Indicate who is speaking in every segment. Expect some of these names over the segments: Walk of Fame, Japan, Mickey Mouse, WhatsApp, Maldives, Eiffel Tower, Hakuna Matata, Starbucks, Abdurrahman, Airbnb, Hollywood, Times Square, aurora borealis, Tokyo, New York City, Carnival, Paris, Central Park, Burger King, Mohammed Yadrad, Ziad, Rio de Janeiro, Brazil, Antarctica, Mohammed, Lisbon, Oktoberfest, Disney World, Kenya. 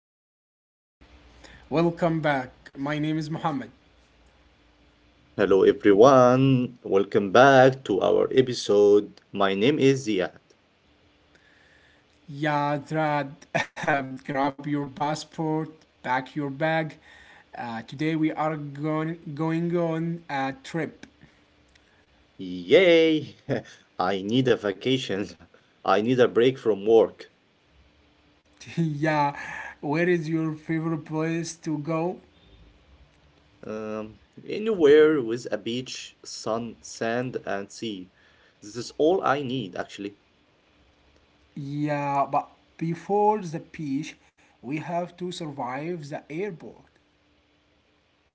Speaker 1: Hello everyone. Welcome back. My name is Mohammed.
Speaker 2: Hello everyone, welcome back to our episode. My name is Ziad.
Speaker 1: Yadrad, grab your passport, pack your bag. Today we are going on a trip.
Speaker 2: Yay! I need a vacation. I need a break from work.
Speaker 1: yeah, where is your favorite place to go?
Speaker 2: Um, Anywhere with a beach, sun, sand, and sea. This is all I need actually.
Speaker 1: Yeah, but before the beach, we have to survive the airport.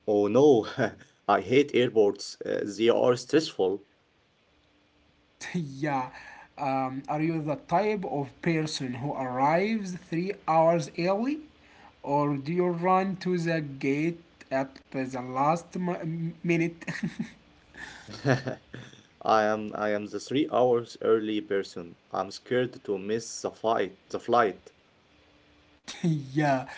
Speaker 2: Oh no, I hate airports. They are stressful.
Speaker 1: yeah. Are you the type of person who arrives 3 hours early, or do you run to the gate at the last minute?
Speaker 2: I am the 3 hours early person. I'm scared to miss the flight.
Speaker 1: yeah,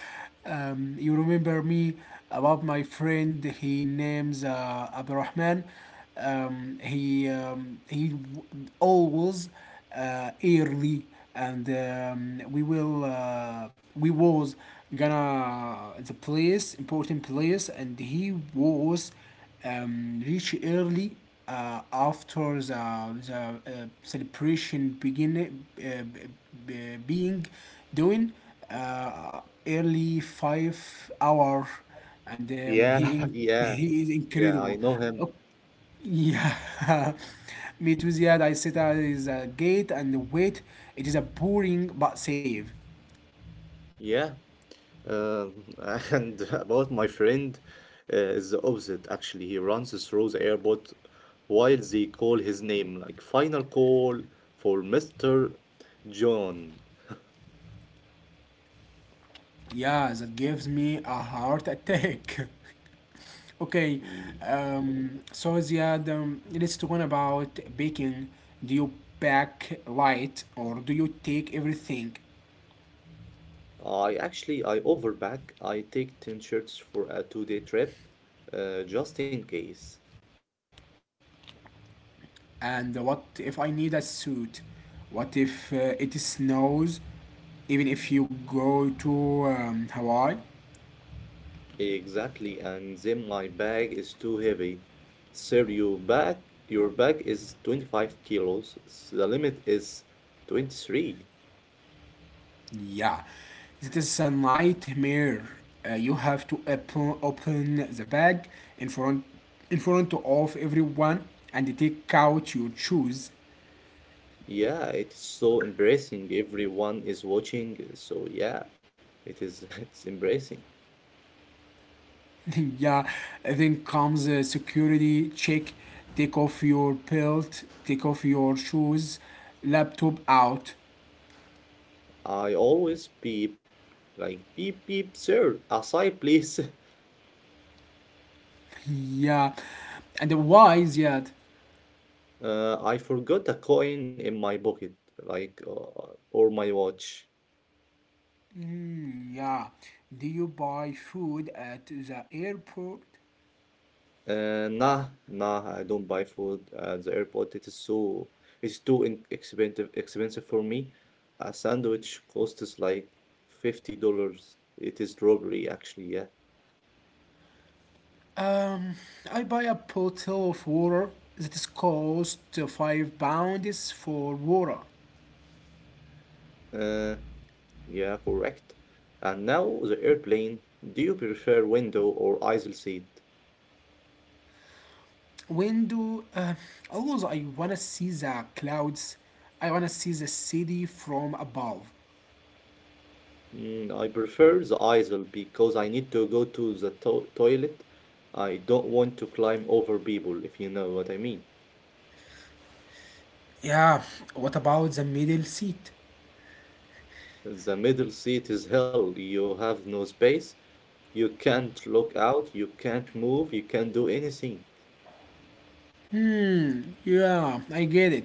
Speaker 1: you remember me about my friend. He names Abdurrahman. He always early, and we will we was gonna the place important place, and he was reach early after the celebration begin being doing uh, early 5 hour and
Speaker 2: Yeah, yeah.
Speaker 1: he is
Speaker 2: Yeah, I
Speaker 1: incredible.
Speaker 2: know him.
Speaker 1: Oh, yeah. Me too, Ziad. I sit at the gate and wait. It is a boring but safe.
Speaker 2: Yeah. Um, and about my friend is the opposite actually. He runs through the airport while they call his name, like final call for Mr. John.
Speaker 1: Yeah, that gives me a heart attack. Okay,
Speaker 2: He,
Speaker 1: so Ziad, let's talk about baking. Do you bake light or do you take everything?
Speaker 2: I actually I overpack. I take 10 shirts for a two-day trip, just in case.
Speaker 1: And what if I need a suit? What if it snows? Even if you go to Hawaii?
Speaker 2: Exactly, and then my bag is too heavy. Sir, your bag is 25 kilos. The limit is 23.
Speaker 1: Yeah, it is a nightmare. You have to open the bag in front in front of everyone and take out your shoes.
Speaker 2: Yeah, it's so embarrassing. Everyone is watching, so yeah, it is it's embarrassing.
Speaker 1: Yeah, then comes a security check. Take off your belt, take off your shoes, laptop out.
Speaker 2: I always beep, like beep beep, sir, aside please.
Speaker 1: Yeah. And why is that?
Speaker 2: I forgot a coin in my pocket, like, or my watch.
Speaker 1: Hmm, yeah. Do you buy food at the airport?
Speaker 2: Nah, I don't buy food at the airport. It's too expensive for me. A sandwich costs like $50. It is robbery, actually. Yeah.
Speaker 1: I buy a bottle of water that is cost £5 for water.
Speaker 2: Uh, yeah, correct. And now the airplane. Do you prefer window or aisle seat?
Speaker 1: When do always I wanna see the clouds. I wanna see the city from above.
Speaker 2: Mm, I prefer the aisle because I need to go to the to toilet. I don't want to climb over people, if you know what I mean.
Speaker 1: Yeah, what about the middle seat?
Speaker 2: The middle seat is hell. You have no space. You can't look out. You can't move. You can't do anything.
Speaker 1: Yeah, I get it.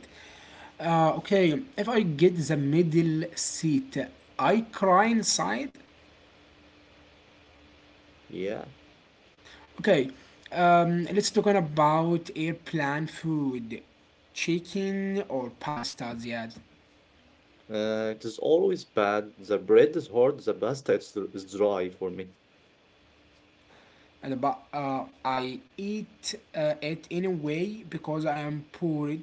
Speaker 1: Okay, if I get the middle seat, I cry inside?
Speaker 2: Yeah.
Speaker 1: Okay, let's talk about airplane food. Chicken or pasta, Ziad?
Speaker 2: It is always bad. The bread is hard. The pasta is dry for me.
Speaker 1: And but I eat it anyway because I am poor.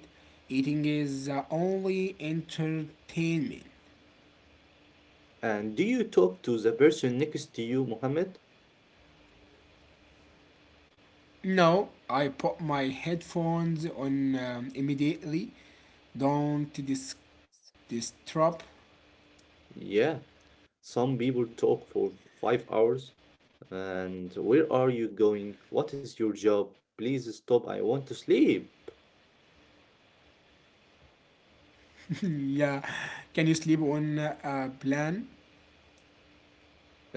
Speaker 1: Eating is only entertainment.
Speaker 2: And do you talk to the person next to you, Mohammed?
Speaker 1: No, I put my headphones on immediately. Don't disturb.
Speaker 2: Yeah. Some people talk for 5 hours. And where are you going? What is your job? Please stop. I want to sleep.
Speaker 1: Yeah. Can you sleep on a plan?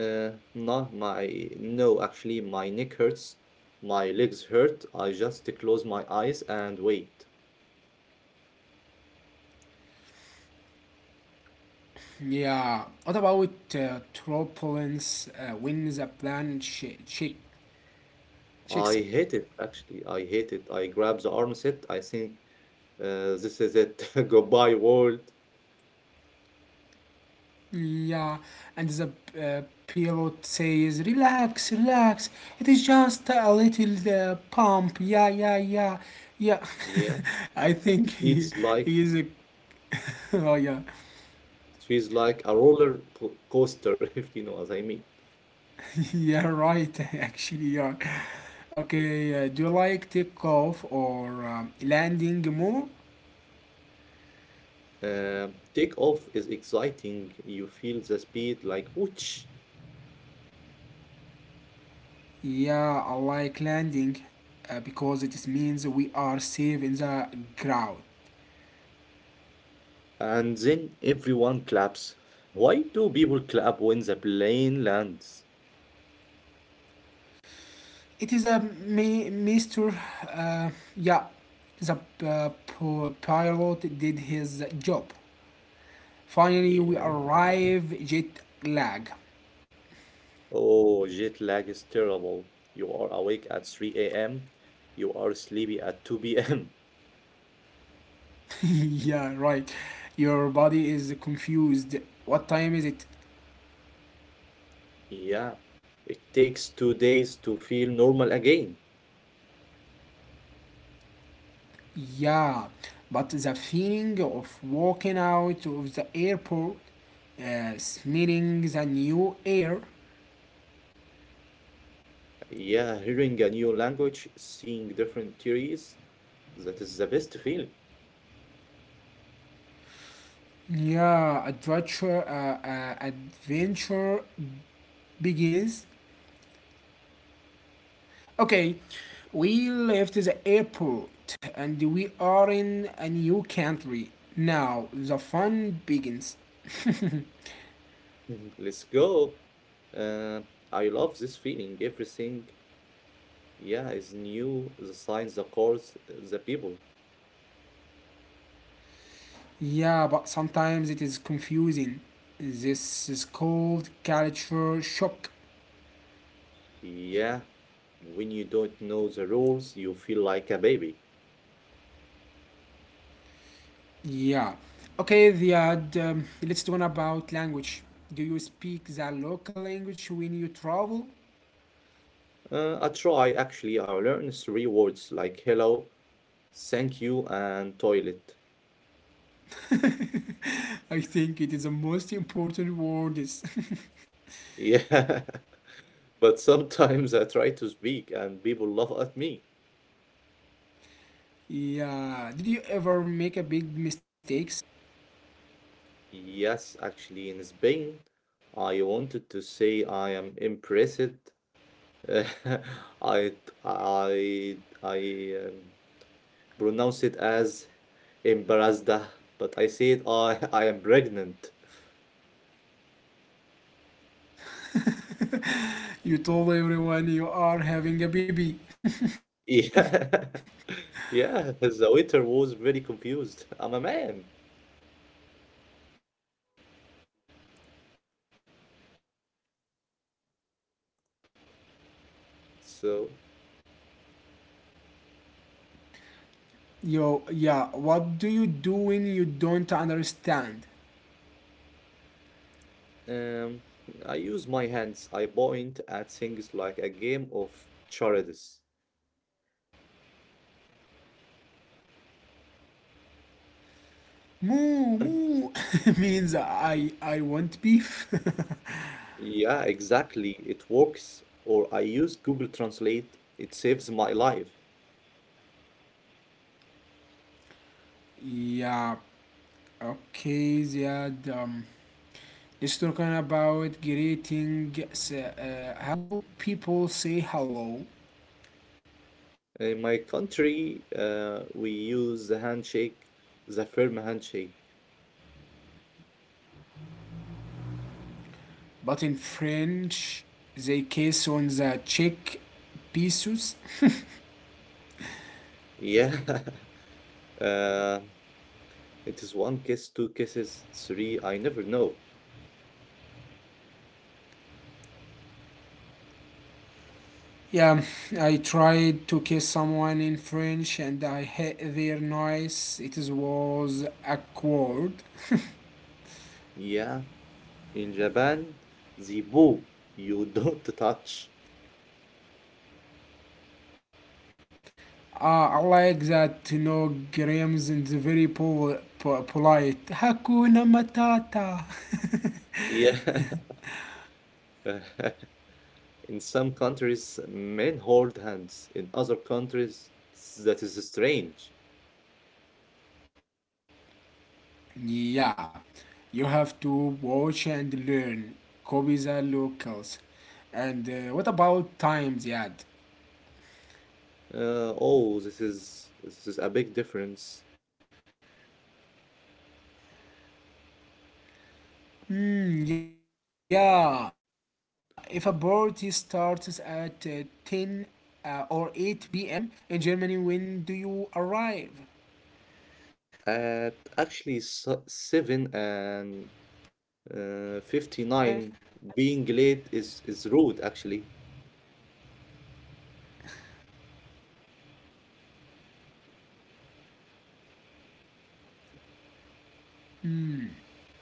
Speaker 2: Uh, no, my no, actually, my neck hurts. My legs hurt. I just close my eyes and wait.
Speaker 1: Yeah. What about turbulence when the plan sh- check
Speaker 2: I
Speaker 1: checks?
Speaker 2: hate it, actually. I hate it. I grab the armset. I think this is it. Goodbye, world.
Speaker 1: Yeah. And the pilot says, relax, relax. It is just a little pump. Yeah, yeah, yeah. Yeah.
Speaker 2: Yeah,
Speaker 1: I think
Speaker 2: it feels like
Speaker 1: he is a oh yeah,
Speaker 2: it feels like a roller coaster, if you know what I mean.
Speaker 1: yeah, right. Actually, yeah. Okay, do you like takeoff or landing more?
Speaker 2: Takeoff is exciting. You feel the speed like whoosh,
Speaker 1: Yeah, I like landing because it is means we are safe in the ground.
Speaker 2: and then everyone claps. Why do people clap when the plane lands?
Speaker 1: It is a Mr. Uh, yeah, the uh, pilot did his job. Finally,
Speaker 2: Yeah.
Speaker 1: we arrive jet lag.
Speaker 2: Oh, jet lag is terrible. You are awake at 3 a.m., you are sleepy at 2 p.m.
Speaker 1: Yeah, right. Your body is confused. What time is it?
Speaker 2: Yeah. It takes 2 days to feel normal again.
Speaker 1: Yeah, but the feeling of walking out of the airport, uh, smelling the new air,
Speaker 2: Yeah, hearing a new language, seeing different theories, that is the best feeling.
Speaker 1: yeah, adventure, adventure begins. Okay, we left the airport and we are in a new country. Now the fun begins.
Speaker 2: Let's go. Uh, I love this feeling. Everything, yeah, is new. The signs, the chords, the people.
Speaker 1: Yeah, but sometimes it is confusing. This is called culture shock.
Speaker 2: Yeah. When you don't know the rules, you feel like a baby.
Speaker 1: Yeah. Okay, Ziad, let's talk about language. Do you speak the local language when you travel?
Speaker 2: I try actually. I learn three words like hello, thank you, and toilet.
Speaker 1: I think it is the most important word.
Speaker 2: Yeah, but sometimes I try to speak and people laugh at me.
Speaker 1: Yeah. Did you ever make a big mistakes?
Speaker 2: Yes, actually, in Spain, I wanted to say I am impressed. I I I pronounce it as embarrassed, but I said I I am pregnant.
Speaker 1: You told everyone you are having a baby.
Speaker 2: Yeah, yeah. The waiter was very confused. I'm a man. So,
Speaker 1: Yo, yeah. What do you do when you don't understand?
Speaker 2: um, I use my hands. I point at things like a game of charades.
Speaker 1: Moo,
Speaker 2: And
Speaker 1: moo, means I want beef.
Speaker 2: Yeah, exactly. It works. Or I use Google Translate. It saves my life.
Speaker 1: Yeah. Okay, Ziad. Let's talk about greeting. How do people say hello?
Speaker 2: In my country, we use the handshake, the firm handshake.
Speaker 1: But in French, they kiss on the cheek pieces.
Speaker 2: Yeah. Uh, it is one kiss, two kisses, three. I never know.
Speaker 1: Yeah, I tried to kiss someone in French and I hate their noise. It was awkward.
Speaker 2: Yeah. In Japan, the boo, you don't touch.
Speaker 1: I like that, you know, Grams is very polite. Hakuna Matata.
Speaker 2: Yeah. In some countries, men hold hands. In other countries, that is strange.
Speaker 1: Yeah, you have to watch and learn. Copy the locals. And what about times, Ziad?
Speaker 2: Oh, this is a big difference.
Speaker 1: Mm, yeah, if a party starts at 10 or 8 p.m. in Germany, when do you arrive?
Speaker 2: At actually seven and 59, being late is rude. Actually,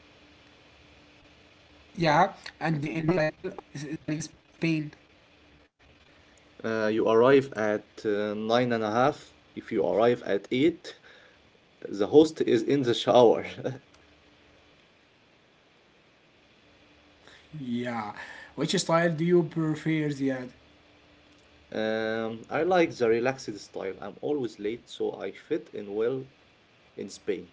Speaker 1: Yeah, and in Brazil or Spain? Spain.
Speaker 2: you arrive at nine and a half. If you arrive at eight, the host is in the shower.
Speaker 1: Yeah, which style do you prefer, Ziad?
Speaker 2: I like the relaxed style. I'm always late, so I fit in well in Spain.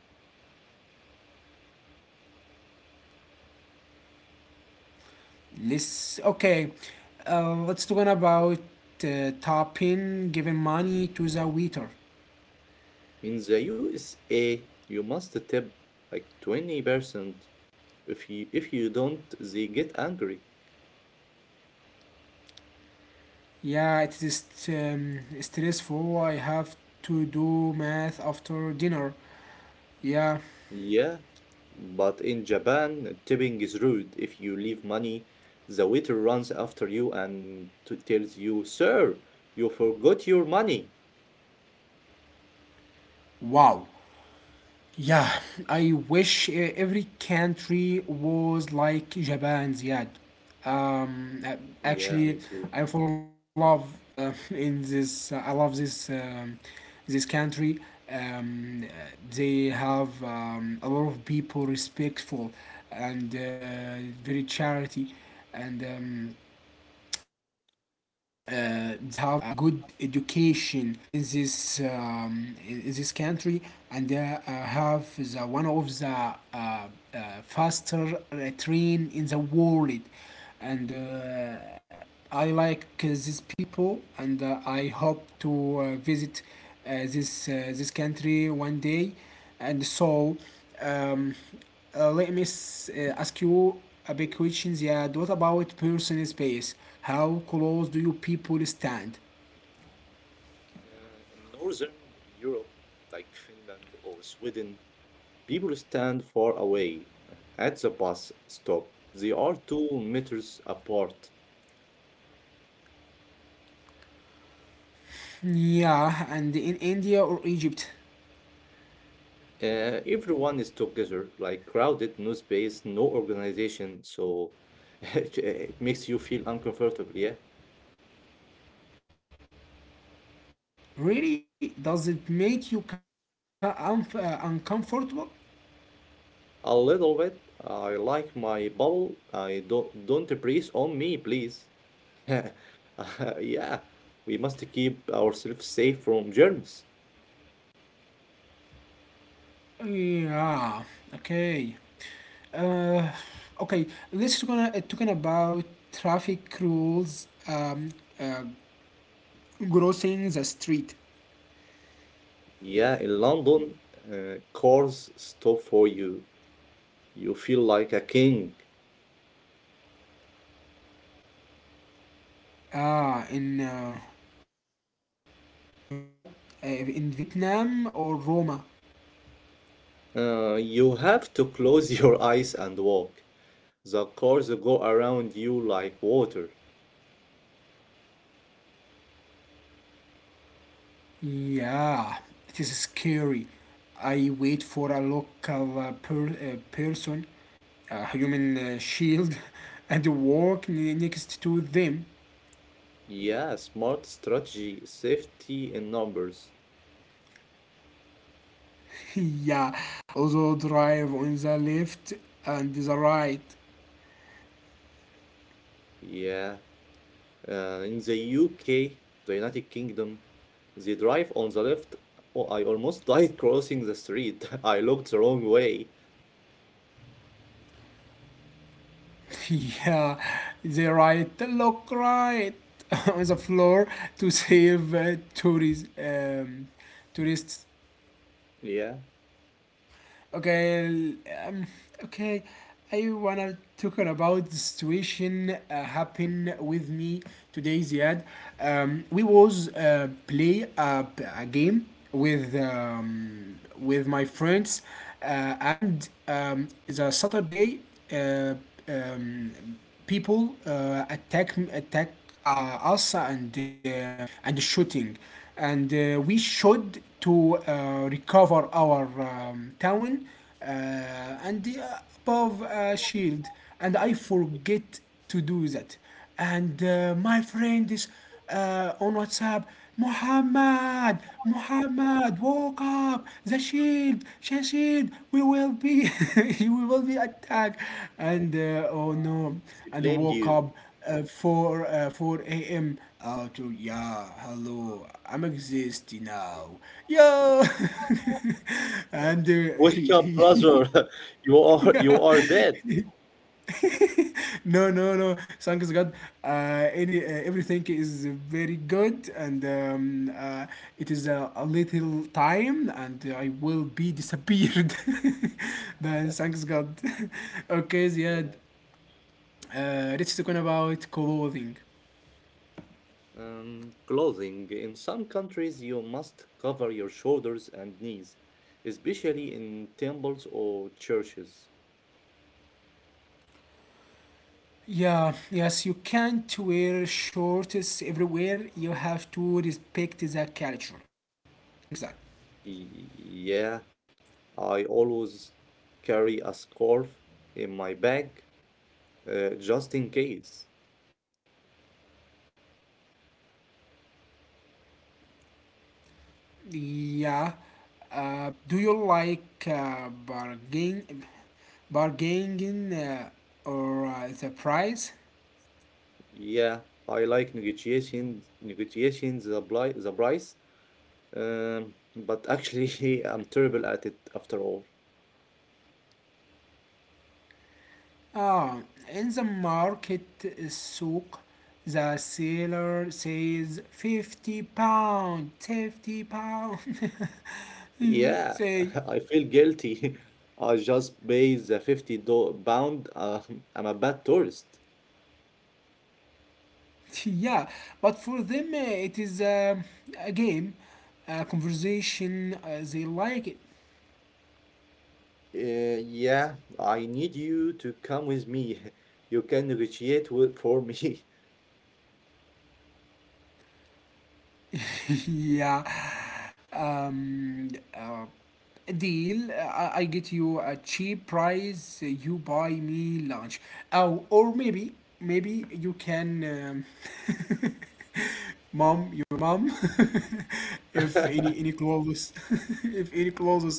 Speaker 1: This okay. Let's talk about topping giving money to the waiter.
Speaker 2: In the USA, you must tip like 20%. If you don't, they get angry.
Speaker 1: Yeah, it is stressful. I have to do math after dinner. Yeah,
Speaker 2: Yeah, but in Japan, tipping is rude. If you leave money, the waiter runs after you and t tells you, "Sir, you forgot your money."
Speaker 1: wow. Yeah, I wish every country was like Japan, Ziad.
Speaker 2: Yeah,
Speaker 1: Actually,
Speaker 2: me too.
Speaker 1: I fall in love uh, in this. I love this this country. Um, uh, they have a lot of people respectful and very charity, and uh, they have a good education in this country, and they have the one of the faster train in the world, and I like these people, and I hope to visit this country one day. And so um, let me ask you a big question, Ziad. What about personal space? How close do you people stand?
Speaker 2: In Northern Europe, like Finland or Sweden, people stand far away at the bus stop. They are 2 meters apart.
Speaker 1: Yeah, and in India or Egypt,
Speaker 2: Everyone is together, like crowded, no space, no organization, so it makes you feel uncomfortable, yeah.
Speaker 1: really, does it make you uncomfortable?
Speaker 2: A little bit. I like my bubble. I don't breathe on me, please. yeah, we must keep ourselves safe from germs.
Speaker 1: Yeah. Okay. Uh, okay. Let's gonna talking about traffic rules. Uh, Crossing the street.
Speaker 2: Yeah, in London, cars stop for you. You feel like a king.
Speaker 1: Ah, in invite in Vietnam or Roma.
Speaker 2: You have to close your eyes and walk. The cars go around you like water.
Speaker 1: Yeah, it is scary. I wait for a local person, a human shield, and walk next to them.
Speaker 2: Yeah, smart strategy, safety in numbers.
Speaker 1: Yeah, also drive on the left and the right.
Speaker 2: Yeah, in the UK, the United Kingdom, they drive on the left. Oh, I almost died crossing the street. I looked the wrong way.
Speaker 1: Yeah, the right, look right on the floor to save tourists. Tourists.
Speaker 2: Yeah,
Speaker 1: Okay, um, okay. I wanna talk about the situation happened with me today, Ziad. We was play a game with my friends, and the Saturday uh, um, people attack us, um, and shooting, and we should to recover our town, uh, and the above shield, and I forget to do that. And my friend is on whatsapp. Muhammad, muhammad, woke up the shield, the shield, we will be we will be attacked, and oh no,
Speaker 2: they
Speaker 1: and
Speaker 2: blamed
Speaker 1: woke
Speaker 2: you.
Speaker 1: up at 4 4 a.m. To yeah, hello, I'm existing now. Yeah, and
Speaker 2: Wake up,
Speaker 1: he
Speaker 2: brother. You are you
Speaker 1: yeah.
Speaker 2: are dead.
Speaker 1: No, no, no. Thanks God. Any Everything is very good, and it is a little time, and I will be disappeared. But thanks God. Okay, Ziad.
Speaker 2: Yeah.
Speaker 1: Let's talk about clothing.
Speaker 2: Clothing. In some countries, you must cover your shoulders and knees, especially in temples or churches.
Speaker 1: Yeah, yes, you can't wear shorts everywhere. You have to respect the culture. I think that.
Speaker 2: Yeah, I always carry a scarf in my bag, just in case.
Speaker 1: Yeah. Do you like bargaining or the price?
Speaker 2: Yeah, I like negotiations, the price, um, but actually, I'm terrible at it after all.
Speaker 1: Ah, in the market souk, the seller says 50 pound, 50 pound. You
Speaker 2: Yeah,
Speaker 1: say
Speaker 2: I feel guilty. I just paid the 50 do pound. I'm a bad tourist.
Speaker 1: yeah, but for them it is a game, a conversation. They like it.
Speaker 2: Yeah, I need you to come with me. You can negotiate for me.
Speaker 1: Yeah. Um, uh, Deal. I get you a cheap price. You buy me lunch. Oh, or maybe, maybe you can, um, mom, your mom, if any clothes, if any clothes,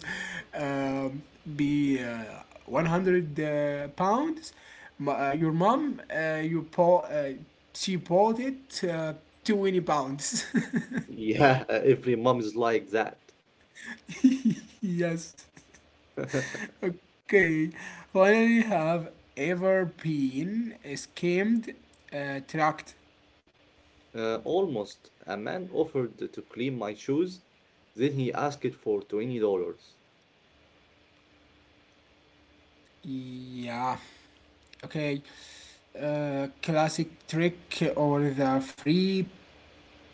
Speaker 1: um, be 100 pounds. Your mom, uh, you po- uh, she bought it 20 pounds.
Speaker 2: Yeah, every mom is like that.
Speaker 1: Yes. Okay. Finally, have ever been scammed, tracked?
Speaker 2: Almost. A man offered to clean my shoes, then he asked for $20.
Speaker 1: Yeah. Okay. Classic trick or the free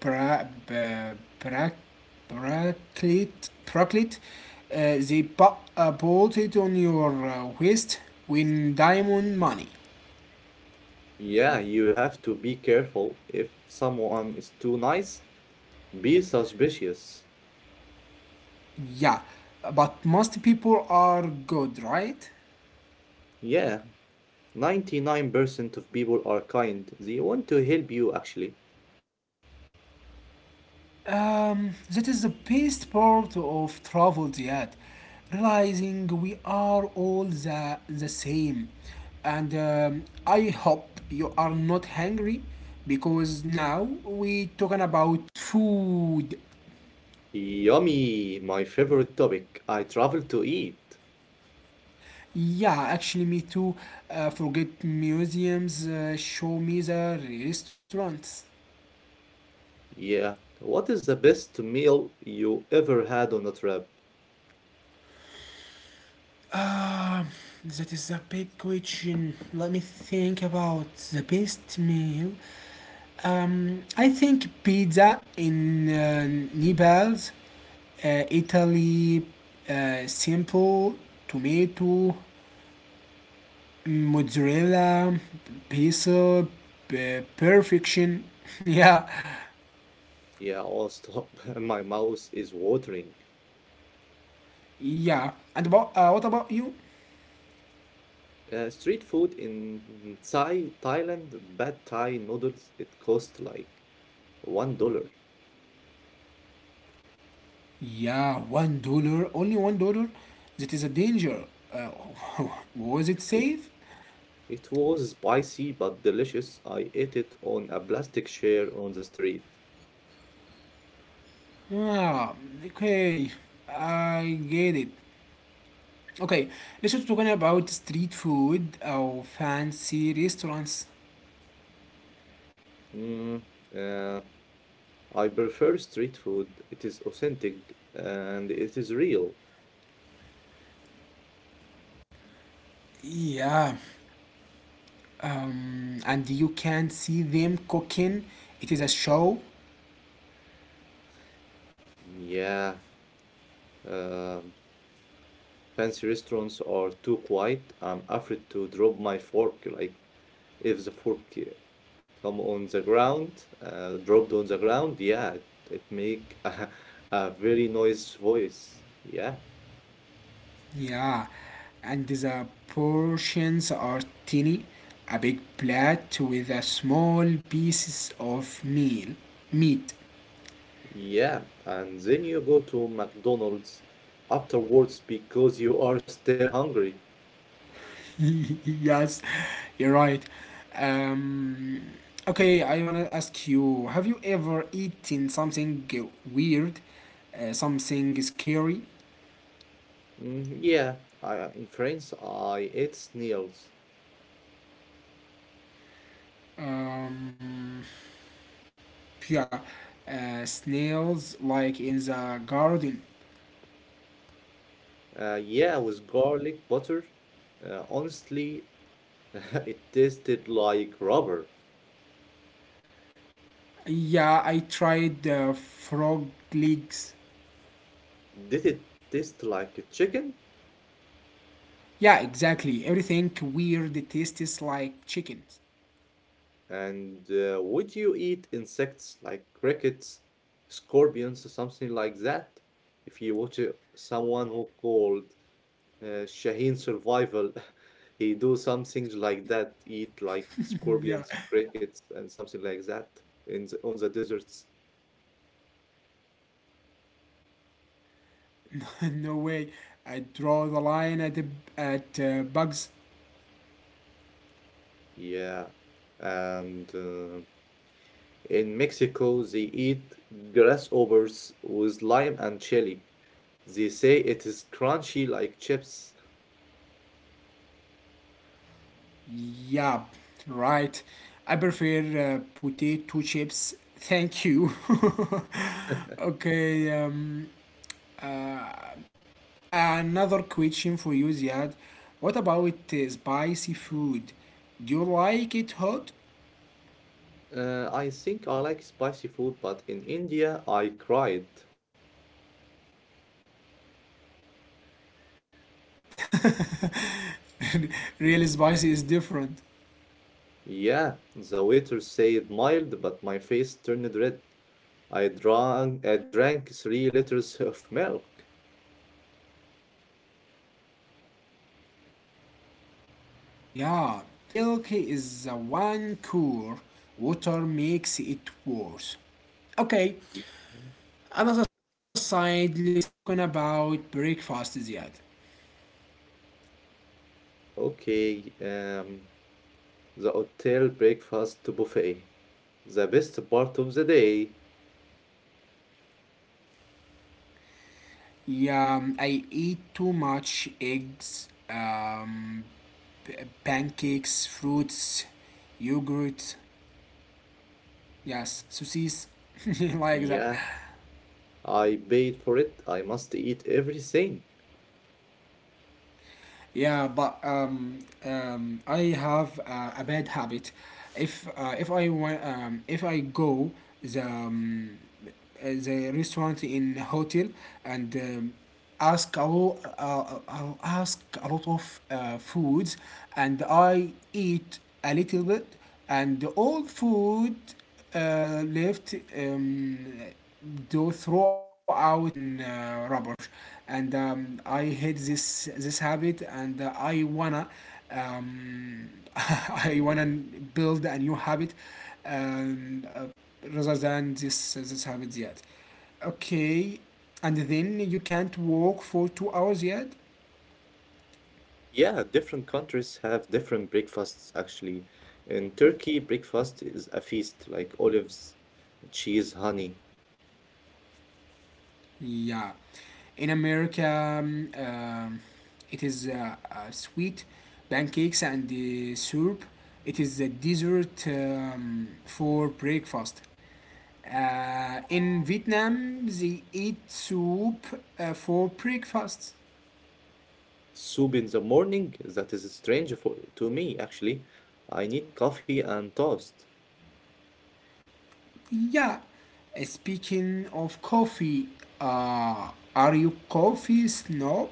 Speaker 1: pra- b- bra- bracelet. They put bolt it on your waist when diamond money.
Speaker 2: Yeah, you have to be careful. If someone is too nice, be suspicious.
Speaker 1: Yeah. But most people are good, right?
Speaker 2: Yeah. 99% of people are kind. They want to help you, actually.
Speaker 1: That is the best part of travel, Ziad. Realizing we are all the same. And I hope you are not hungry because now we talking about food.
Speaker 2: Yummy, my favorite topic. I travel to eat.
Speaker 1: Yeah, actually, me too. Forget museums, show me the restaurants.
Speaker 2: Yeah. What is the best meal you ever had on a trip?
Speaker 1: Ah, that is a big question. Let me think about the best meal. I think pizza in Naples, Italy, simple tomato, mozzarella, basil, perfection. Yeah,
Speaker 2: Yeah, oh, stop. My mouth is watering.
Speaker 1: yeah. And about, what about you?
Speaker 2: Street food in Thailand, bad Thai noodles, it cost like $1.
Speaker 1: Yeah, $1, only $1. That is a danger. Uh, was it
Speaker 2: It,
Speaker 1: safe?
Speaker 2: it was spicy but delicious. I ate it on a plastic chair on the street.
Speaker 1: Yeah, okay, I get it. Okay, let's just talking about street food or fancy restaurants.
Speaker 2: Mm, uh, I prefer street food. It is authentic and it is real.
Speaker 1: Yeah, and you can see them cooking. It is a show.
Speaker 2: Yeah, um, fancy restaurants are too quiet. I'm afraid to drop my fork. Like, if the fork come on the ground, dropped on the ground, yeah, it make a very noise voice. Yeah,
Speaker 1: Yeah, and the portions are tiny, a big plate with a small pieces of meal, meat,
Speaker 2: yeah. And then you go to McDonald's afterwards because you are still hungry.
Speaker 1: yes, you're right. Um, okay, I want to ask you have you ever eaten something weird, something scary?
Speaker 2: Yeah, in France, I ate snails.
Speaker 1: Um, yeah, snails like in the garden.
Speaker 2: Yeah, with garlic butter. Honestly, it tasted like rubber.
Speaker 1: Yeah, I tried frog legs.
Speaker 2: Did it taste like a chicken?
Speaker 1: Yeah, exactly. Everything weird it tastes like chickens.
Speaker 2: And would you eat insects like crickets, scorpions, or something like that? If you watch someone who called Shaheen survival. He do some things like that, eat like
Speaker 1: Yeah,
Speaker 2: scorpions, crickets, and something like that in on the deserts.
Speaker 1: no way. I draw the line at bugs.
Speaker 2: Yeah, and in Mexico they eat grasshoppers with lime and chili. They say it is crunchy like chips.
Speaker 1: Yeah, right. I prefer potato chips. Thank you. Okay. Uh, Another question for you, Ziad. What about spicy food? Do you like it hot?
Speaker 2: I think I like spicy food, but in India I cried.
Speaker 1: Really spicy is different.
Speaker 2: Yeah, the waiter said mild, but my face turned red. I drank 3 liters of milk.
Speaker 1: Yeah. Milk is the one core. Water makes it worse. Okay. Another side, let's talking about breakfast, Ziad.
Speaker 2: Okay, the hotel breakfast buffet. The best part of the day.
Speaker 1: Yeah, I eat too much eggs, p- pancakes, fruits, yogurt, yes, sausages, like that.
Speaker 2: Yeah, I paid for it. I must eat everything.
Speaker 1: Yeah, but I have a bad habit. If I want, if I go the um, uh, the restaurant in hotel and I'll ask a lot of foods, and I eat a little bit, and all food left, do throw out in rubbish. And I hate this habit, and I wanna um, I wanna build a new habit, um, uh, rather than this habit yet. Okay. And then you can't walk for 2 hours yet.
Speaker 2: Yeah, different countries have different breakfasts actually. In Turkey, breakfast is a feast like olives, cheese, honey.
Speaker 1: Yeah, in America, it is sweet pancakes and the syrup. It is a dessert for breakfast. In Vietnam, they eat soup for breakfast.
Speaker 2: Soup in the morning, that is strange to me actually. I need coffee and toast.
Speaker 1: Yeah. Speaking of coffee, uh, are you coffee snob?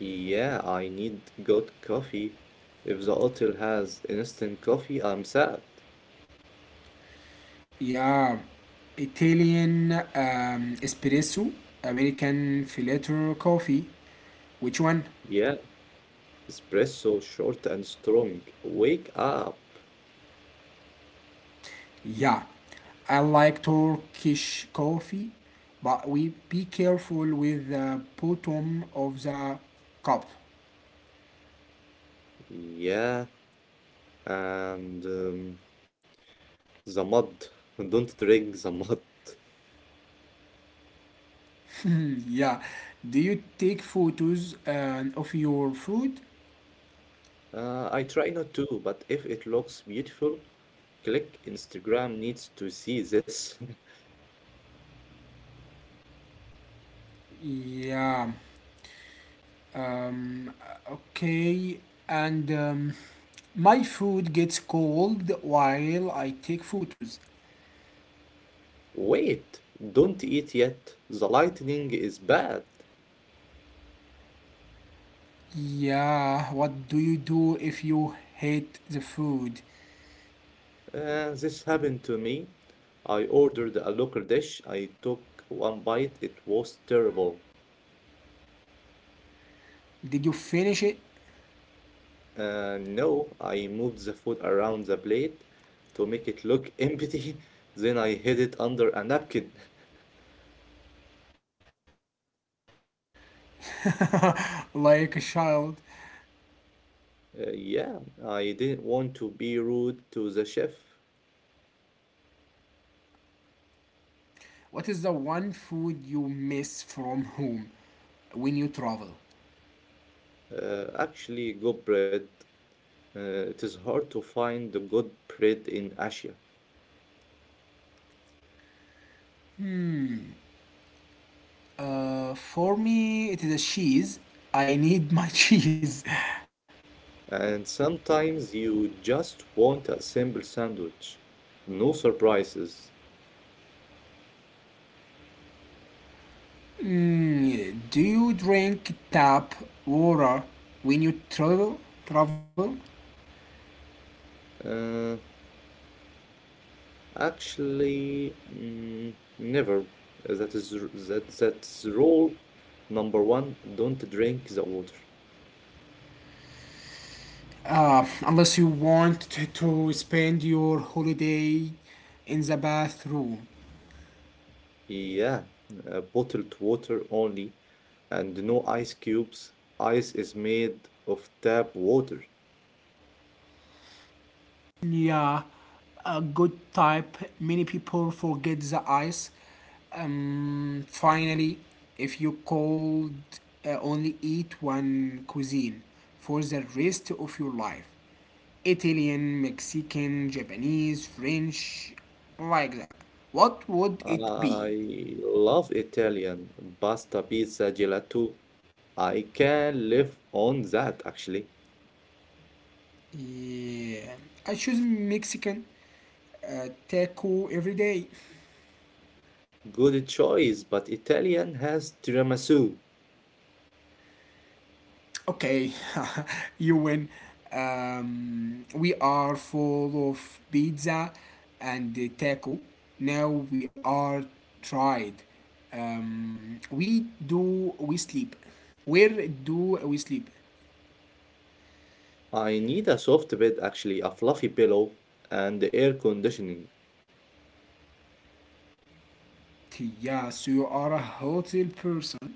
Speaker 2: Yeah, I need good coffee. If the hotel has instant coffee, I'm sad.
Speaker 1: Yeah, Italian espresso, American filter coffee. Which one?
Speaker 2: Yeah, espresso, short and strong. Wake up.
Speaker 1: Yeah. I like Turkish coffee, but we be careful with the bottom of the cup.
Speaker 2: Yeah, and the mud. Don't drink the mud.
Speaker 1: yeah. Do you take photos of your food?
Speaker 2: I try not to, but if it looks beautiful, click Instagram needs to see this.
Speaker 1: Yeah. Um, okay. And my food gets cold while I take photos.
Speaker 2: Wait, don't eat yet. The lighting is bad.
Speaker 1: Yeah. What do you do if you hate the food?
Speaker 2: This happened to me. I ordered a local dish. I took one bite. It was terrible.
Speaker 1: Did you finish it?
Speaker 2: No, I moved the food around the plate to make it look empty. Then I hid it under a napkin.
Speaker 1: Like a child.
Speaker 2: Yeah, I didn't want to be rude to the chef.
Speaker 1: What is the one food you miss from home when you travel?
Speaker 2: Actually, good bread. It is hard to find the good bread in Asia.
Speaker 1: Hmm. For me, it is a cheese. I need my cheese.
Speaker 2: And sometimes you just want a simple sandwich. No surprises.
Speaker 1: Hmm. Do you drink tap water when you travel? Travel?
Speaker 2: Uh, actually, never. That that's rule number one. Don't drink the water.
Speaker 1: Unless you want to spend your holiday in the bathroom.
Speaker 2: Yeah, bottled water only, and no ice cubes. Ice is made of tap water.
Speaker 1: Yeah, a good type. Many people forget the ice. Finally, if you cold, only eat one cuisine for the rest of your life. Italian, Mexican, Japanese, French, like that. What would it be?
Speaker 2: I love Italian pasta, pizza, gelato. I can live on that actually.
Speaker 1: Yeah, I choose Mexican taco every day.
Speaker 2: Good choice, but Italian has tiramisu.
Speaker 1: Okay, you win. We are full of pizza and taco. Now we are tried. We sleep. Where do we sleep?
Speaker 2: I need a soft bed, actually, a fluffy pillow, and air conditioning.
Speaker 1: Yeah, so you are a hotel person.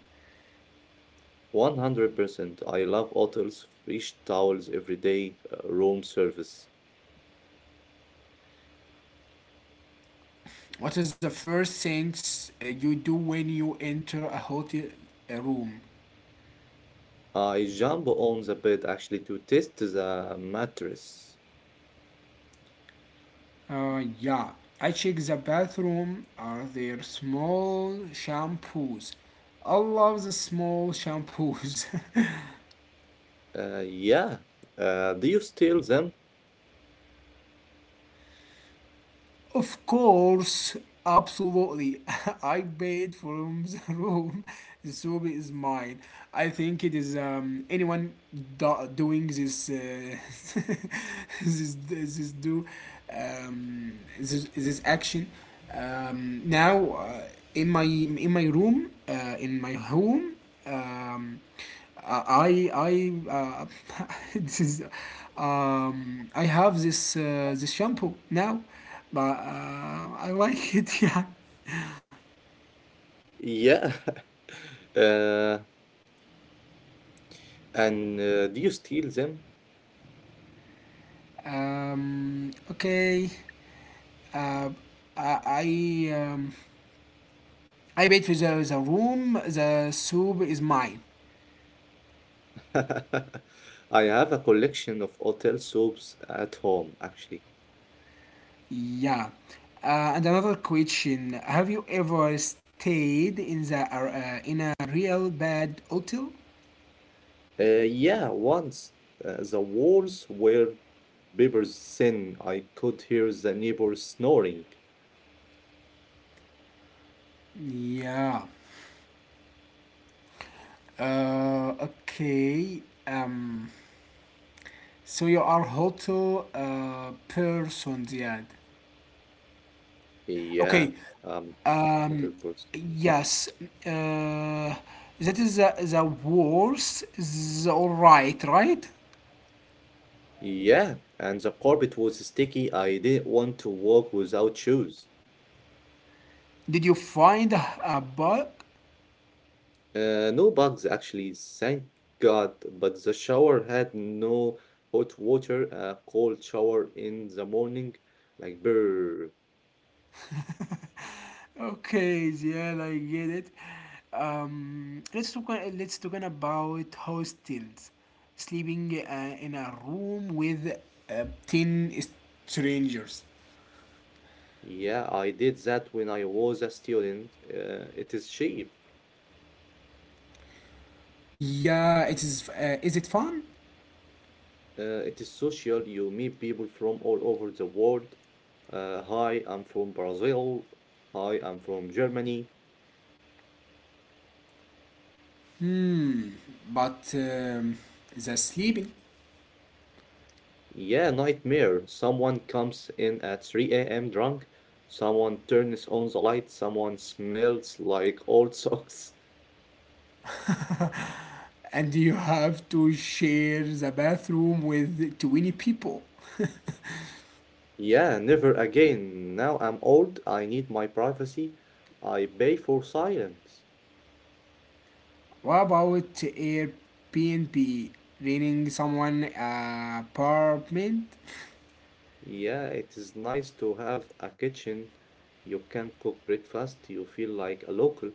Speaker 2: 100%. I love hotels, fresh towels every day, room service.
Speaker 1: What is the first things you do when you enter a hotel room?
Speaker 2: I jump on the bed actually to test the mattress.
Speaker 1: Yeah, I check the bathroom. Are there small shampoos? I love the small shampoos.
Speaker 2: Yeah. Do you steal them?
Speaker 1: Of course, absolutely. I paid from the room. The soup is mine. I think it is anyone doing this, this this do um this action, now, in my room, in my home, um I this is I have this shampoo now, but I like it. Yeah.
Speaker 2: Yeah. Uh, and do you steal them?
Speaker 1: Okay. Uh, I I, um, I paid for the room. The soup is mine.
Speaker 2: I have a collection of hotel soaps at home, actually.
Speaker 1: Yeah. And another question: Have you ever stayed in the in a real bad hotel?
Speaker 2: Yeah, once the walls were papers thin. I could hear the neighbor snoring.
Speaker 1: Yeah. Okay. So you are hotel person, Ziad.
Speaker 2: Yeah,
Speaker 1: Okay.
Speaker 2: um,
Speaker 1: Um,
Speaker 2: Another person.
Speaker 1: yes. Uh, that is the worst. Is all right, right?
Speaker 2: Yeah, and the carpet was sticky. I didn't want to walk without shoes.
Speaker 1: Did you find a bug?
Speaker 2: No bugs actually, thank God. But the shower had no hot water. A cold shower in the morning, like brr.
Speaker 1: Okay, Ziad, I get it. Let's talk. Let's talk about hostels. Sleeping in a room with ten strangers.
Speaker 2: Yeah, I did that when I was a student. It is cheap.
Speaker 1: Yeah, it is. Is it fun?
Speaker 2: It is social. You meet people from all over the world. Hi, I'm from Brazil. Hi, I'm from Germany.
Speaker 1: Hmm, but the sleeping,
Speaker 2: Yeah, nightmare. Someone comes in at 3 a.m. drunk. Someone turns on the light. Someone smells like old socks.
Speaker 1: and you have to share the bathroom with 20 people.
Speaker 2: Yeah, never again. Now I'm old. I need my privacy. I pay for silence.
Speaker 1: What about Airbnb? Renting someone apartment,
Speaker 2: Yeah, it is nice to have a kitchen. You can cook breakfast. You feel like a local.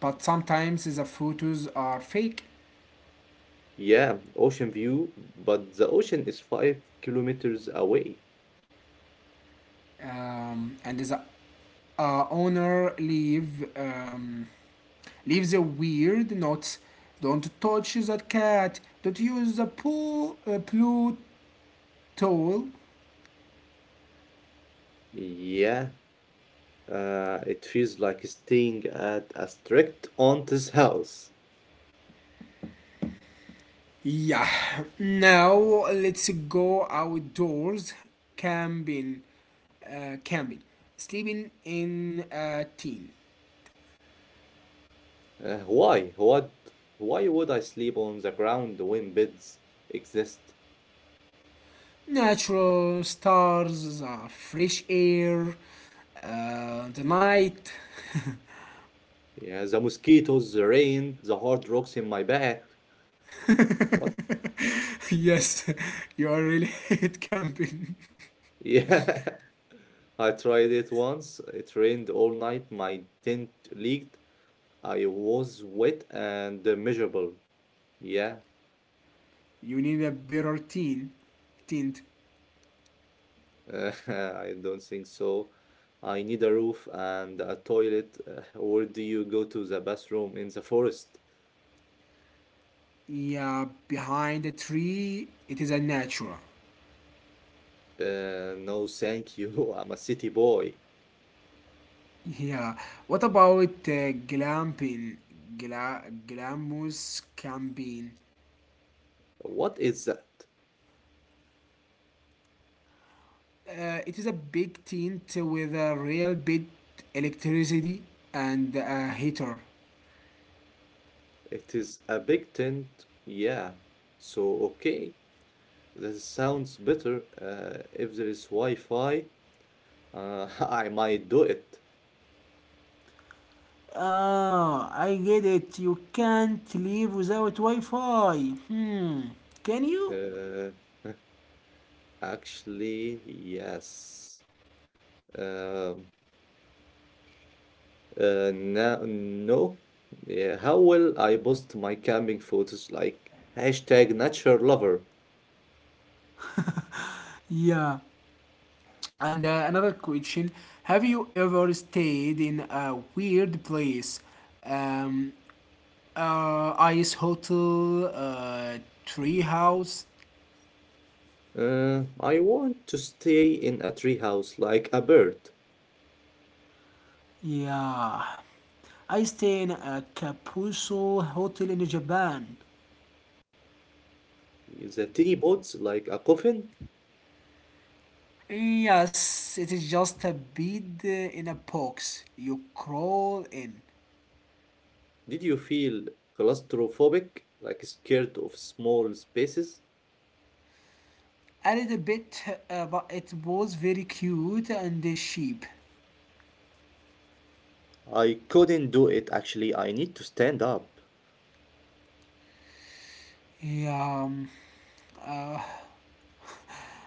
Speaker 1: but sometimes the photos are fake,
Speaker 2: Yeah, ocean view, but the ocean is 5 kilometers away.
Speaker 1: and the owner leaves a weird note. Don't touch that cat. Don't use the pool blue towel.
Speaker 2: Yeah, it feels like staying at a strict aunt's house.
Speaker 1: Yeah, now let's go outdoors camping. Camping, sleeping in a tent.
Speaker 2: Why? What? Why would I sleep on the ground when beds exist?
Speaker 1: Natural stars, fresh air, the night.
Speaker 2: Yeah, the mosquitoes, the rain, the hard rocks in my back. What?
Speaker 1: yes, you are really at camping.
Speaker 2: Yeah, I tried it once. It rained all night. My tent leaked. I was wet and miserable. Yeah.
Speaker 1: You need a better tent. Tent.
Speaker 2: Uh, I don't think so. I need a roof and a toilet. Where do you go to the bathroom in the forest?
Speaker 1: Yeah, behind a tree, it is a natural.
Speaker 2: No, thank you. I'm a city boy.
Speaker 1: Yeah. What about glamping? Glamouse camping.
Speaker 2: What is that?
Speaker 1: It is a big tent with a real bit electricity and a heater.
Speaker 2: It is a big tent. Yeah. So, okay. This sounds better. If there is Wi-Fi, I might do it.
Speaker 1: Ah, I get it. You can't leave without Wi Fi. Hmm. Can you?
Speaker 2: Uh, actually, yes. Um, no, no. Yeah, how will I post my camping photos like hashtag nature lover?
Speaker 1: Yeah. And another question: Have you ever stayed in a weird place? Um, Ice Hotel, tree house.
Speaker 2: I want to stay in a tree house like a bird.
Speaker 1: Yeah. I stay in a Kapuso hotel in Japan.
Speaker 2: The tiny pods like a coffin.
Speaker 1: Yes, it is just a bed in a box. You crawl in.
Speaker 2: Did you feel claustrophobic, like scared of small spaces?
Speaker 1: A little bit, but it was very cute and cheap.
Speaker 2: I couldn't do it actually. I need to stand up.
Speaker 1: Yeah. um,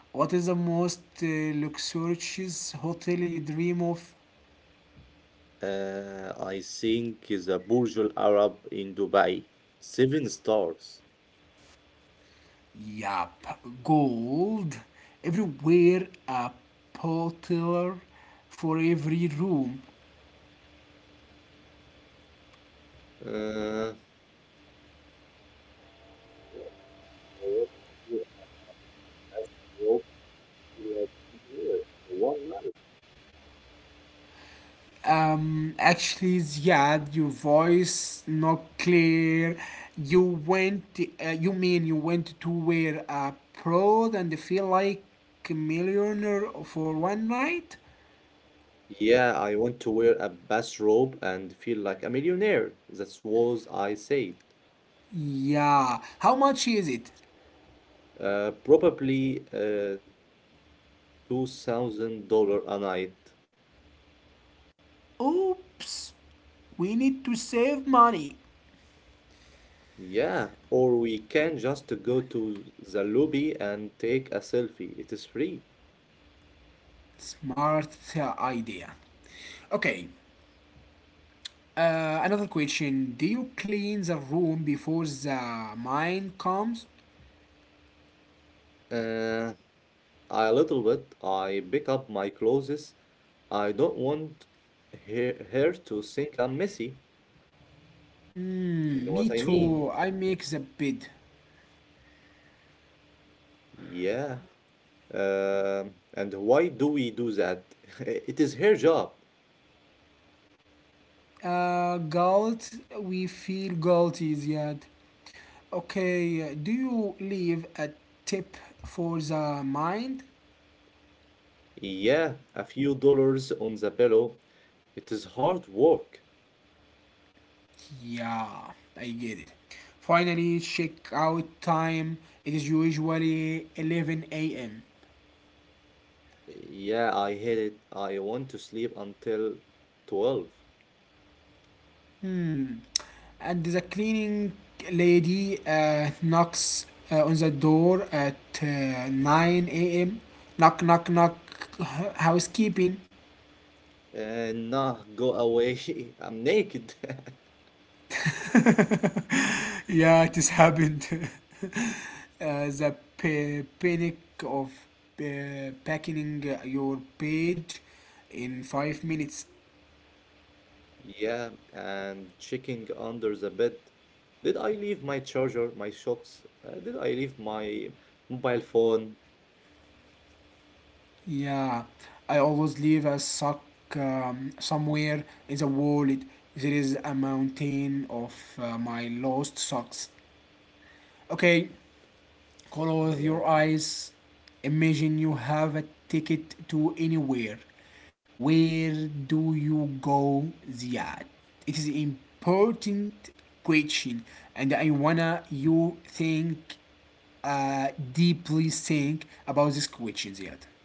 Speaker 1: what is the most luxurious hotel you dream of?
Speaker 2: I think the Burj Al Arab in Dubai. Seven stars.
Speaker 1: Yup, gold everywhere, a bottle for every room.
Speaker 2: Uh, feel like a millionaire for one night.
Speaker 1: Actually, Ziad, your voice not clear. You went, you mean you went to wear a proud and feel like a millionaire for one night?
Speaker 2: Yeah, I want to wear a bathrobe and feel like a millionaire. That's what I said.
Speaker 1: Yeah, how much is it?
Speaker 2: Probably $2,000 a night.
Speaker 1: Oops, we need to save money.
Speaker 2: Yeah, or we can just go to the lobby and take a selfie. It is free.
Speaker 1: Smart idea. Okay. Another question: Do you clean the room before the mind comes?
Speaker 2: Uh, a little bit. I pick up my clothes. I don't want her to think I'm messy, if you
Speaker 1: Mm,
Speaker 2: know what
Speaker 1: me
Speaker 2: I mean.
Speaker 1: too. I make the bed.
Speaker 2: Yeah. And why do we do that? It is her job.
Speaker 1: Guilt. We feel guilty yet. Okay. Do you leave a tip for the mind?
Speaker 2: Yeah, a few dollars on the pillow. It is hard work.
Speaker 1: Yeah, I get it. Finally, check out time. It is usually 11 a.m.
Speaker 2: Yeah, I hate it. I want to sleep until 12.
Speaker 1: Hmm. And the cleaning lady knocks on the door at 9 a.m. Knock, knock, knock. Housekeeping.
Speaker 2: And nah, go away. I'm naked.
Speaker 1: Yeah, it has happened. uh, the panic of packing your page in 5 minutes.
Speaker 2: Yeah, and checking under the bed. Did I leave my charger, my socks? Did I leave my mobile phone?
Speaker 1: Yeah, I always leave a sock somewhere in the wallet. There is a mountain of my lost socks. Okay, close
Speaker 2: Yeah.
Speaker 1: your eyes. Imagine you have a ticket to anywhere. Where do you go? Ziad? It is important question, and I wanna you think, uh, deeply think about this question, Ziad.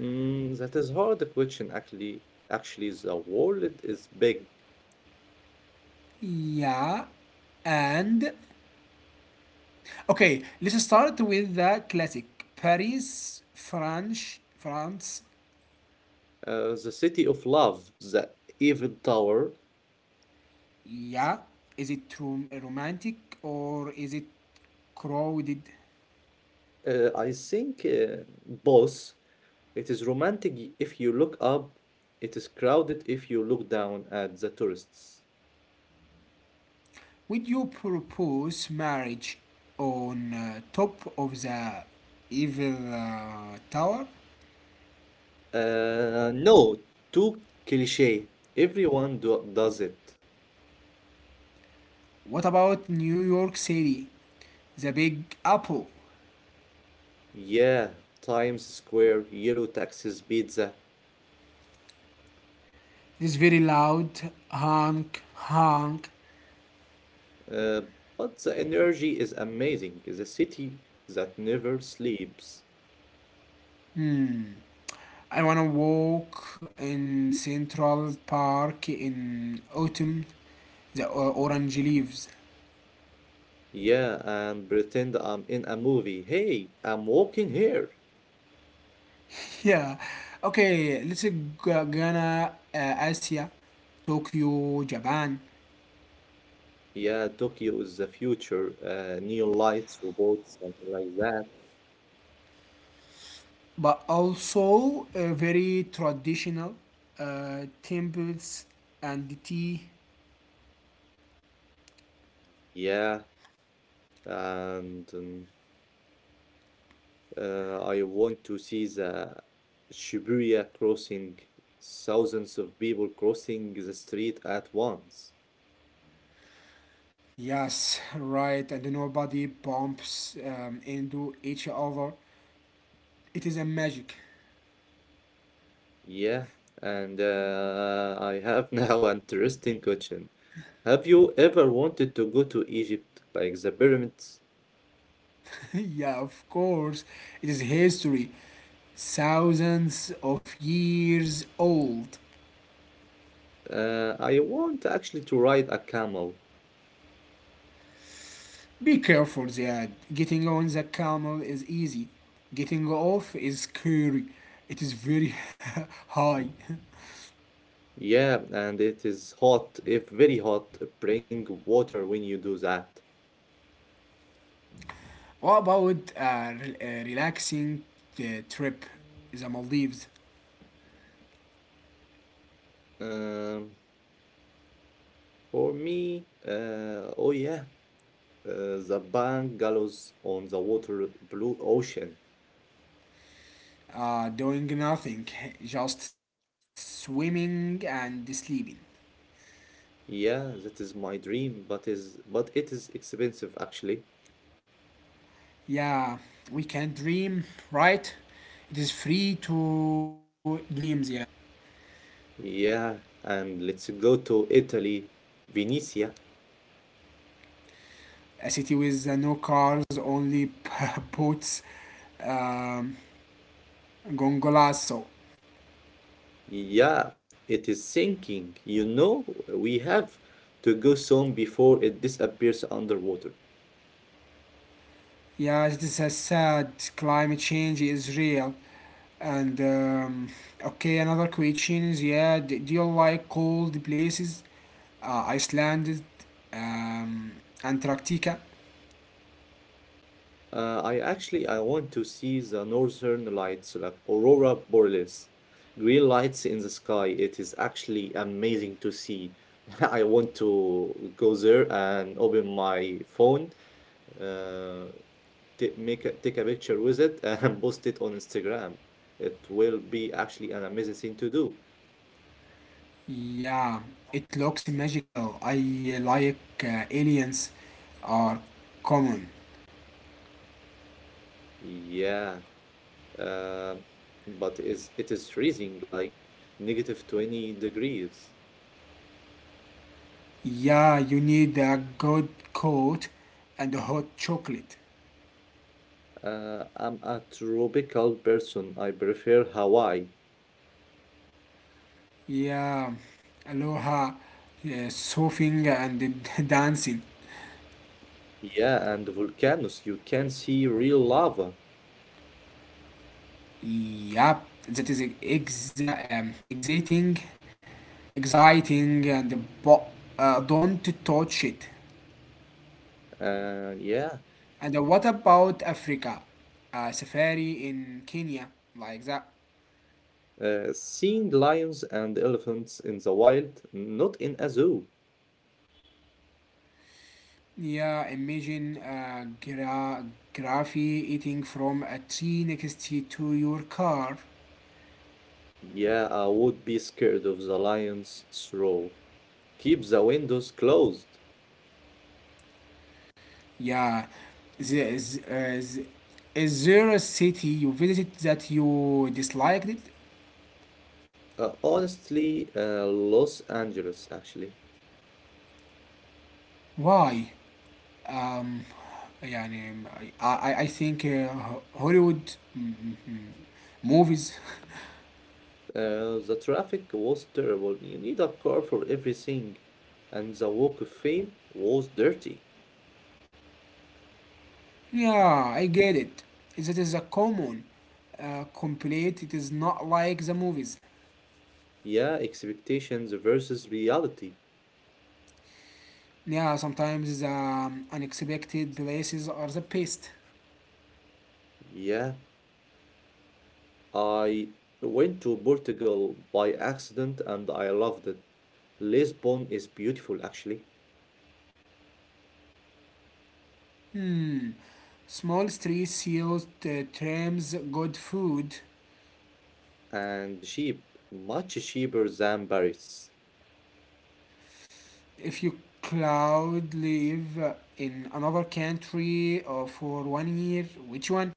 Speaker 2: Mm, that is hard question actually. Actually, the world is big.
Speaker 1: Yeah, and okay, let's start with the classic Paris, French, France.
Speaker 2: The city of love, the Eiffel Tower.
Speaker 1: Yeah, is it romantic or is it crowded?
Speaker 2: I think both. It is romantic if you look up. It is crowded if you look down at the tourists.
Speaker 1: Would you propose marriage on top of the Eiffel Tower?
Speaker 2: No, too cliche. Everyone do does it.
Speaker 1: What about New York City, the Big Apple?
Speaker 2: Yeah, Times Square, yellow taxis, pizza.
Speaker 1: It is very loud, honk, honk.
Speaker 2: Uh, but the energy is amazing. The city that never sleeps.
Speaker 1: Hmm. I wanna walk in Central Park in autumn. The orange leaves.
Speaker 2: Yeah, and pretend I'm in a movie. Hey, I'm walking here.
Speaker 1: Yeah. Okay, let's go gonna Asia, Tokyo, Japan,
Speaker 2: Yeah, Tokyo is the future. Neon lights, robots, something like that.
Speaker 1: but also very traditional temples and the tea.
Speaker 2: Yeah, and I want to see the Shibuya crossing, thousands of people crossing the street at once.
Speaker 1: Yes, right. And nobody bumps into each other. It is a magic.
Speaker 2: Yeah, and I have now an interesting question. Have you ever wanted to go to Egypt, like the pyramids?
Speaker 1: yeah, of course. It is history, thousands of years old.
Speaker 2: I want actually to ride a camel.
Speaker 1: Be careful, Ziad. Getting on the camel is easy. Getting off is scary. It is very high.
Speaker 2: Yeah, and it is hot, if very hot, bring water when you do that.
Speaker 1: What about a relaxing trip? The Maldives.
Speaker 2: Um, for me, oh yeah, the bungalows on the water, blue ocean.
Speaker 1: Doing nothing, just swimming and sleeping.
Speaker 2: Yeah, that is my dream, but it is expensive actually.
Speaker 1: Yeah, we can dream, right? It is free to dream, Ziad.
Speaker 2: Yeah, and let's go to Italy, Venice.
Speaker 1: A city with no cars, only boats, um, gondolas. So,
Speaker 2: Yeah, it is sinking. You know, we have to go soon before it disappears underwater.
Speaker 1: yeah, it is a sad. Climate change is real. And okay, another question is, yeah, do you like cold places? Iceland, um, Antarctica.
Speaker 2: I actually I want to see the northern lights, like aurora borealis, green lights in the sky. It is actually amazing to see. I want to go there and open my phone. Uh, take a picture with it and post it on Instagram. It will be actually an amazing thing to do.
Speaker 1: Yeah, it looks magical. I like aliens are common.
Speaker 2: Yeah, uh, but is it is freezing like negative 20 degrees.
Speaker 1: Yeah, you need a good coat and hot chocolate.
Speaker 2: I'm a tropical person. I prefer Hawaii.
Speaker 1: Yeah, aloha, surfing and dancing.
Speaker 2: Yeah, and volcanoes. You can see real lava.
Speaker 1: Yep, that is exciting, exciting, and don't touch it.
Speaker 2: Uh, yeah,
Speaker 1: And what about Africa? A safari in Kenya, like that.
Speaker 2: seeing lions and elephants in the wild, not in a zoo.
Speaker 1: Yeah, imagine Graffy eating from a tree next to your car.
Speaker 2: Yeah, I would be scared of the lion's roar. Keep the windows closed.
Speaker 1: Yeah, the, is- uh, z- is there a city you visited that you disliked it?
Speaker 2: Honestly, Los Angeles, actually.
Speaker 1: Why? Um, yeah, I think Hollywood mm, mm, mm, movies.
Speaker 2: The traffic was terrible. You need a car for everything. And the Walk of Fame was dirty.
Speaker 1: Yeah, I get it. That is a common complaint. It is not like the movies.
Speaker 2: Yeah, expectations versus reality.
Speaker 1: Yeah, sometimes the unexpected places are the best.
Speaker 2: Yeah, I went to Portugal by accident and I loved it. Lisbon is beautiful, actually,
Speaker 1: Hmm. Small streets, sealed trams, good food.
Speaker 2: and cheap, much cheaper than Paris.
Speaker 1: If you cloud live in another country for 1 year, which one?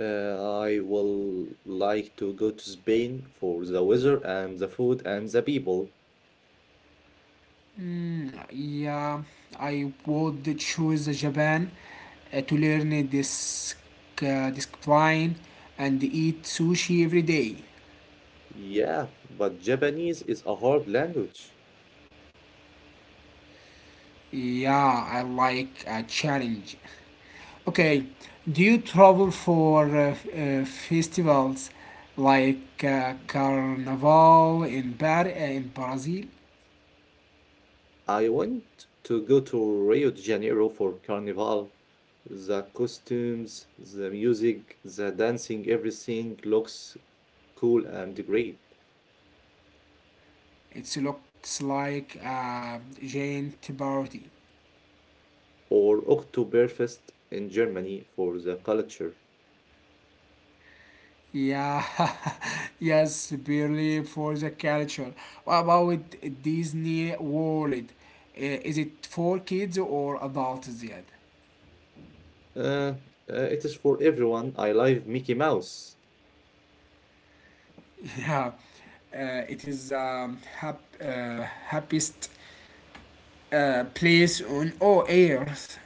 Speaker 2: Uh, I will like to go to Spain for the weather and the food and the people.
Speaker 1: Hmm, yeah, I would choose Japan to learn this discipline and eat sushi every day.
Speaker 2: Yeah, but Japanese is a hard language.
Speaker 1: Yeah, I like a challenge. Okay, do you travel for festivals like Carnival in Brazil?
Speaker 2: I want to go to Rio de Janeiro for Carnival. The costumes, the music, the dancing, everything looks cool and great.
Speaker 1: It looks like a giant party.
Speaker 2: Or Oktoberfest in Germany for the culture.
Speaker 1: Yeah, yes, barely for the culture. What about Disney World? Is it for kids or adults yet?
Speaker 2: Uh, it is for everyone. I love Mickey Mouse.
Speaker 1: Yeah, it is happiest place on all earth.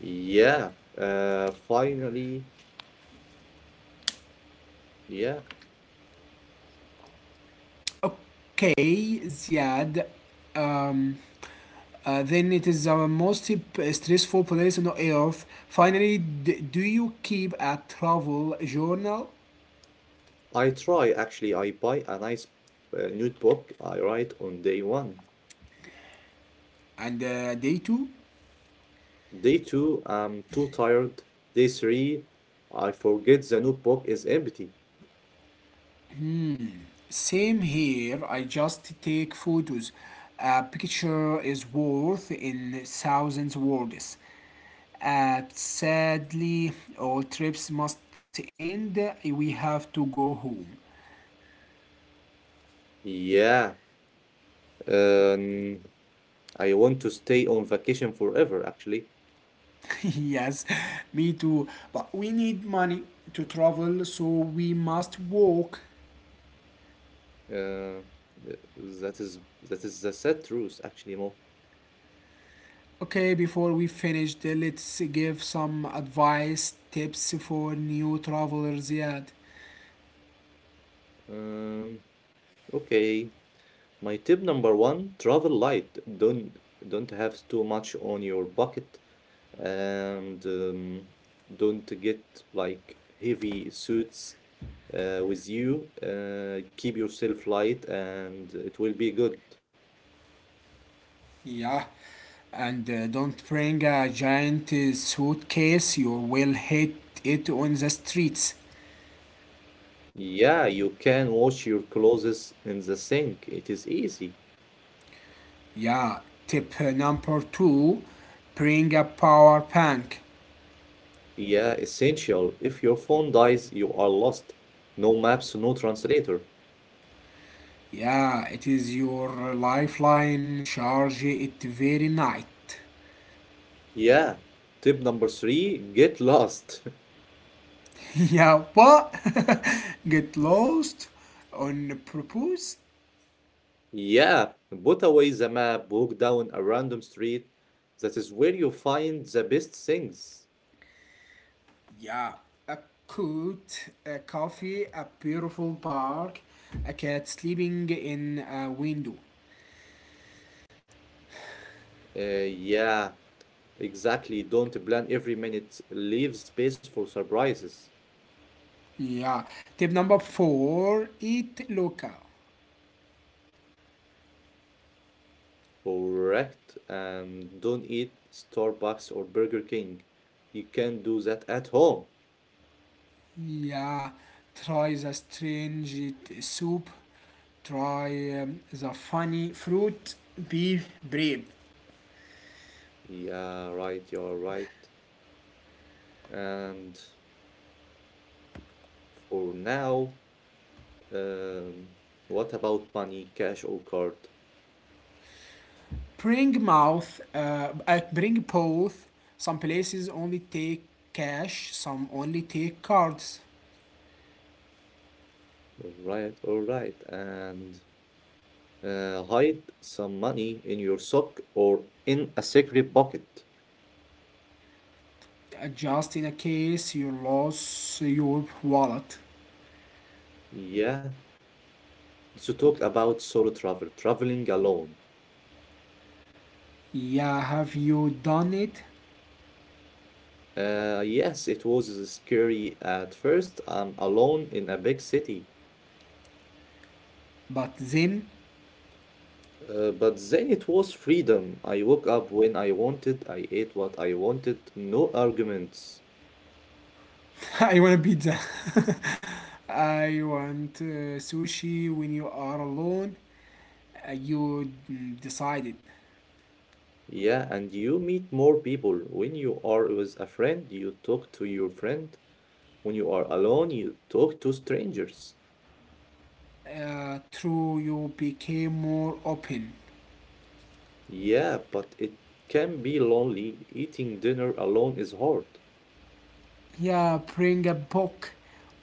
Speaker 2: Yeah, finally, yeah.
Speaker 1: Okay, Ziad. Um, then it is the most stressful place on earth. Finally, do you keep a travel journal
Speaker 2: I try actually. I buy a nice notebook. I write on day one.
Speaker 1: and day two?
Speaker 2: Day two, I'm too tired. Day three, I forget the notebook is empty.
Speaker 1: Same here. I just take photos. A picture is worth in thousands words. Sadly, all trips must end. We have to go home.
Speaker 2: Yeah, um, I want to stay on vacation forever. Actually,
Speaker 1: yes, me too. But we need money to travel, so we must walk.
Speaker 2: uh, th- that is that is the sad truth. Actually, Mo.
Speaker 1: Okay, before we finish, let's give some advice tips for new travelers yet.
Speaker 2: Um, okay. My tip number one, travel light. Don't have too much on your bucket, and don't get like heavy suits with you. Keep yourself light and it will be good.
Speaker 1: Yeah, and don't bring a giant suitcase. You will hit it on the streets.
Speaker 2: Yeah, you can wash your clothes in the sink. It is easy.
Speaker 1: Yeah, tip number two, bring a power bank.
Speaker 2: Yeah, essential. If your phone dies, you are lost. No maps, no translator.
Speaker 1: Yeah, it is your lifeline, charge it very night.
Speaker 2: Yeah. Tip number three, get lost.
Speaker 1: Yeah, what? Get lost on purpose?
Speaker 2: Yeah, put away the map, walk down a random street. That is where you find the best things.
Speaker 1: Yeah, a coat, a coffee, a beautiful park, a cat sleeping in a window.
Speaker 2: Yeah, exactly. Don't plan every minute. Leave space for surprises.
Speaker 1: Yeah. Tip number four, eat local.
Speaker 2: Correct. And don't eat Starbucks or Burger King. You can do that at home.
Speaker 1: Yeah. Try the strange soup. Try the funny fruit. Be brave.
Speaker 2: Yeah, right. You're right. And for now, um, what about money, cash or card?
Speaker 1: Bring both. Some places only take cash, some only take cards.
Speaker 2: All right, all right. And hide some money in your sock or in a secret pocket.
Speaker 1: Just in a case you lost your wallet.
Speaker 2: Yeah, to talk about solo travel, traveling alone.
Speaker 1: Yeah, have you done it?
Speaker 2: Yes, it was scary at first. I'm alone in a big city.
Speaker 1: But then
Speaker 2: But then it was freedom. I woke up when I wanted, I ate what I wanted, no arguments.
Speaker 1: I want a pizza. I want sushi when you are alone. You decided.
Speaker 2: Yeah, and you meet more people. When you are with a friend, you talk to your friend. When you are alone, you talk to strangers.
Speaker 1: Through you became more open.
Speaker 2: Yeah, but it can be lonely. Eating dinner alone is hard.
Speaker 1: Yeah, bring a book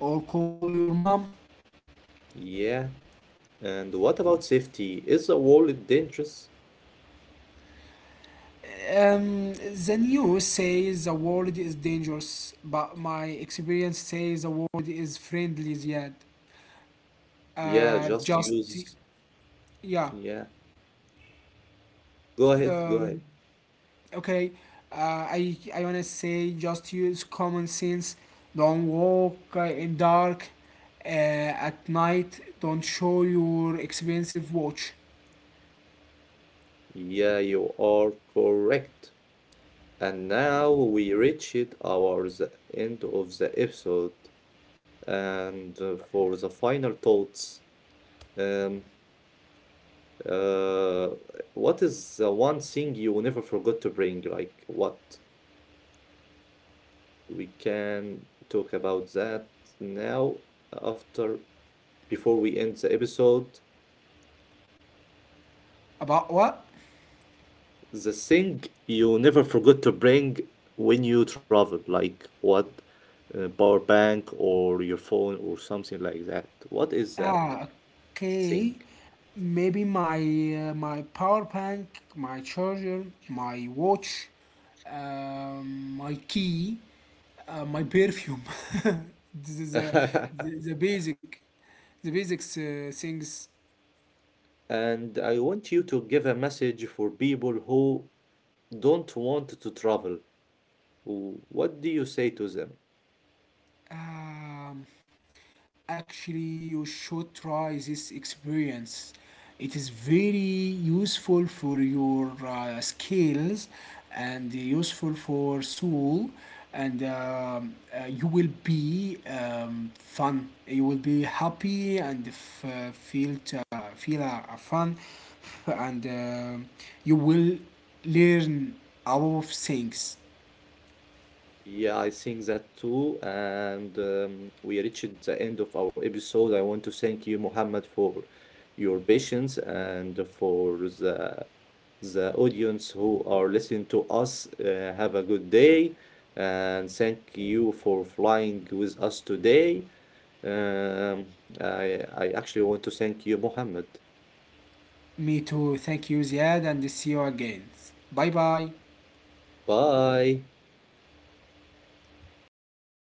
Speaker 1: or call your mom.
Speaker 2: Yeah, and what about safety? Is the world dangerous?
Speaker 1: Um, then you say the world is dangerous, but my experience says the world is friendly yet.
Speaker 2: Yeah,
Speaker 1: uh,
Speaker 2: just
Speaker 1: just
Speaker 2: use.
Speaker 1: yeah.
Speaker 2: Yeah, go ahead, go
Speaker 1: um,
Speaker 2: ahead.
Speaker 1: okay I want to say just use common sense. Don't walk in dark uh, at night. Don't show your expensive watch.
Speaker 2: Yeah, you are correct. And now we reach it. Our the end of the episode. And for the final thoughts, um, uh, what is the one thing you never forgot to bring? Like what? We can talk about that now after before we end the episode.
Speaker 1: About what?
Speaker 2: The thing you never forgot to bring when you travel, like what, power bank or your phone or something like that. What is that
Speaker 1: Ah,
Speaker 2: thing?
Speaker 1: okay. Maybe my power bank, my charger, my watch, my key. My perfume. This is the, the basic, the basics things.
Speaker 2: And I want you to give a message for people who don't want to travel. What do you say to them?
Speaker 1: Um, Actually you should try this experience. It is very useful for your skills and useful for soul, and you will be fun. You will be happy and feel fun, and you will learn a lot of things.
Speaker 2: Yeah, I think that too. And we reached the end of our episode. I want to thank you, Muhammad, for your patience and for the audience who are listening to us. Have a good day, and thank you for flying with us today. Um, I actually want to thank you, Muhammad.
Speaker 1: Me too. Thank you, Ziad, and see you again. Bye bye.
Speaker 2: Bye.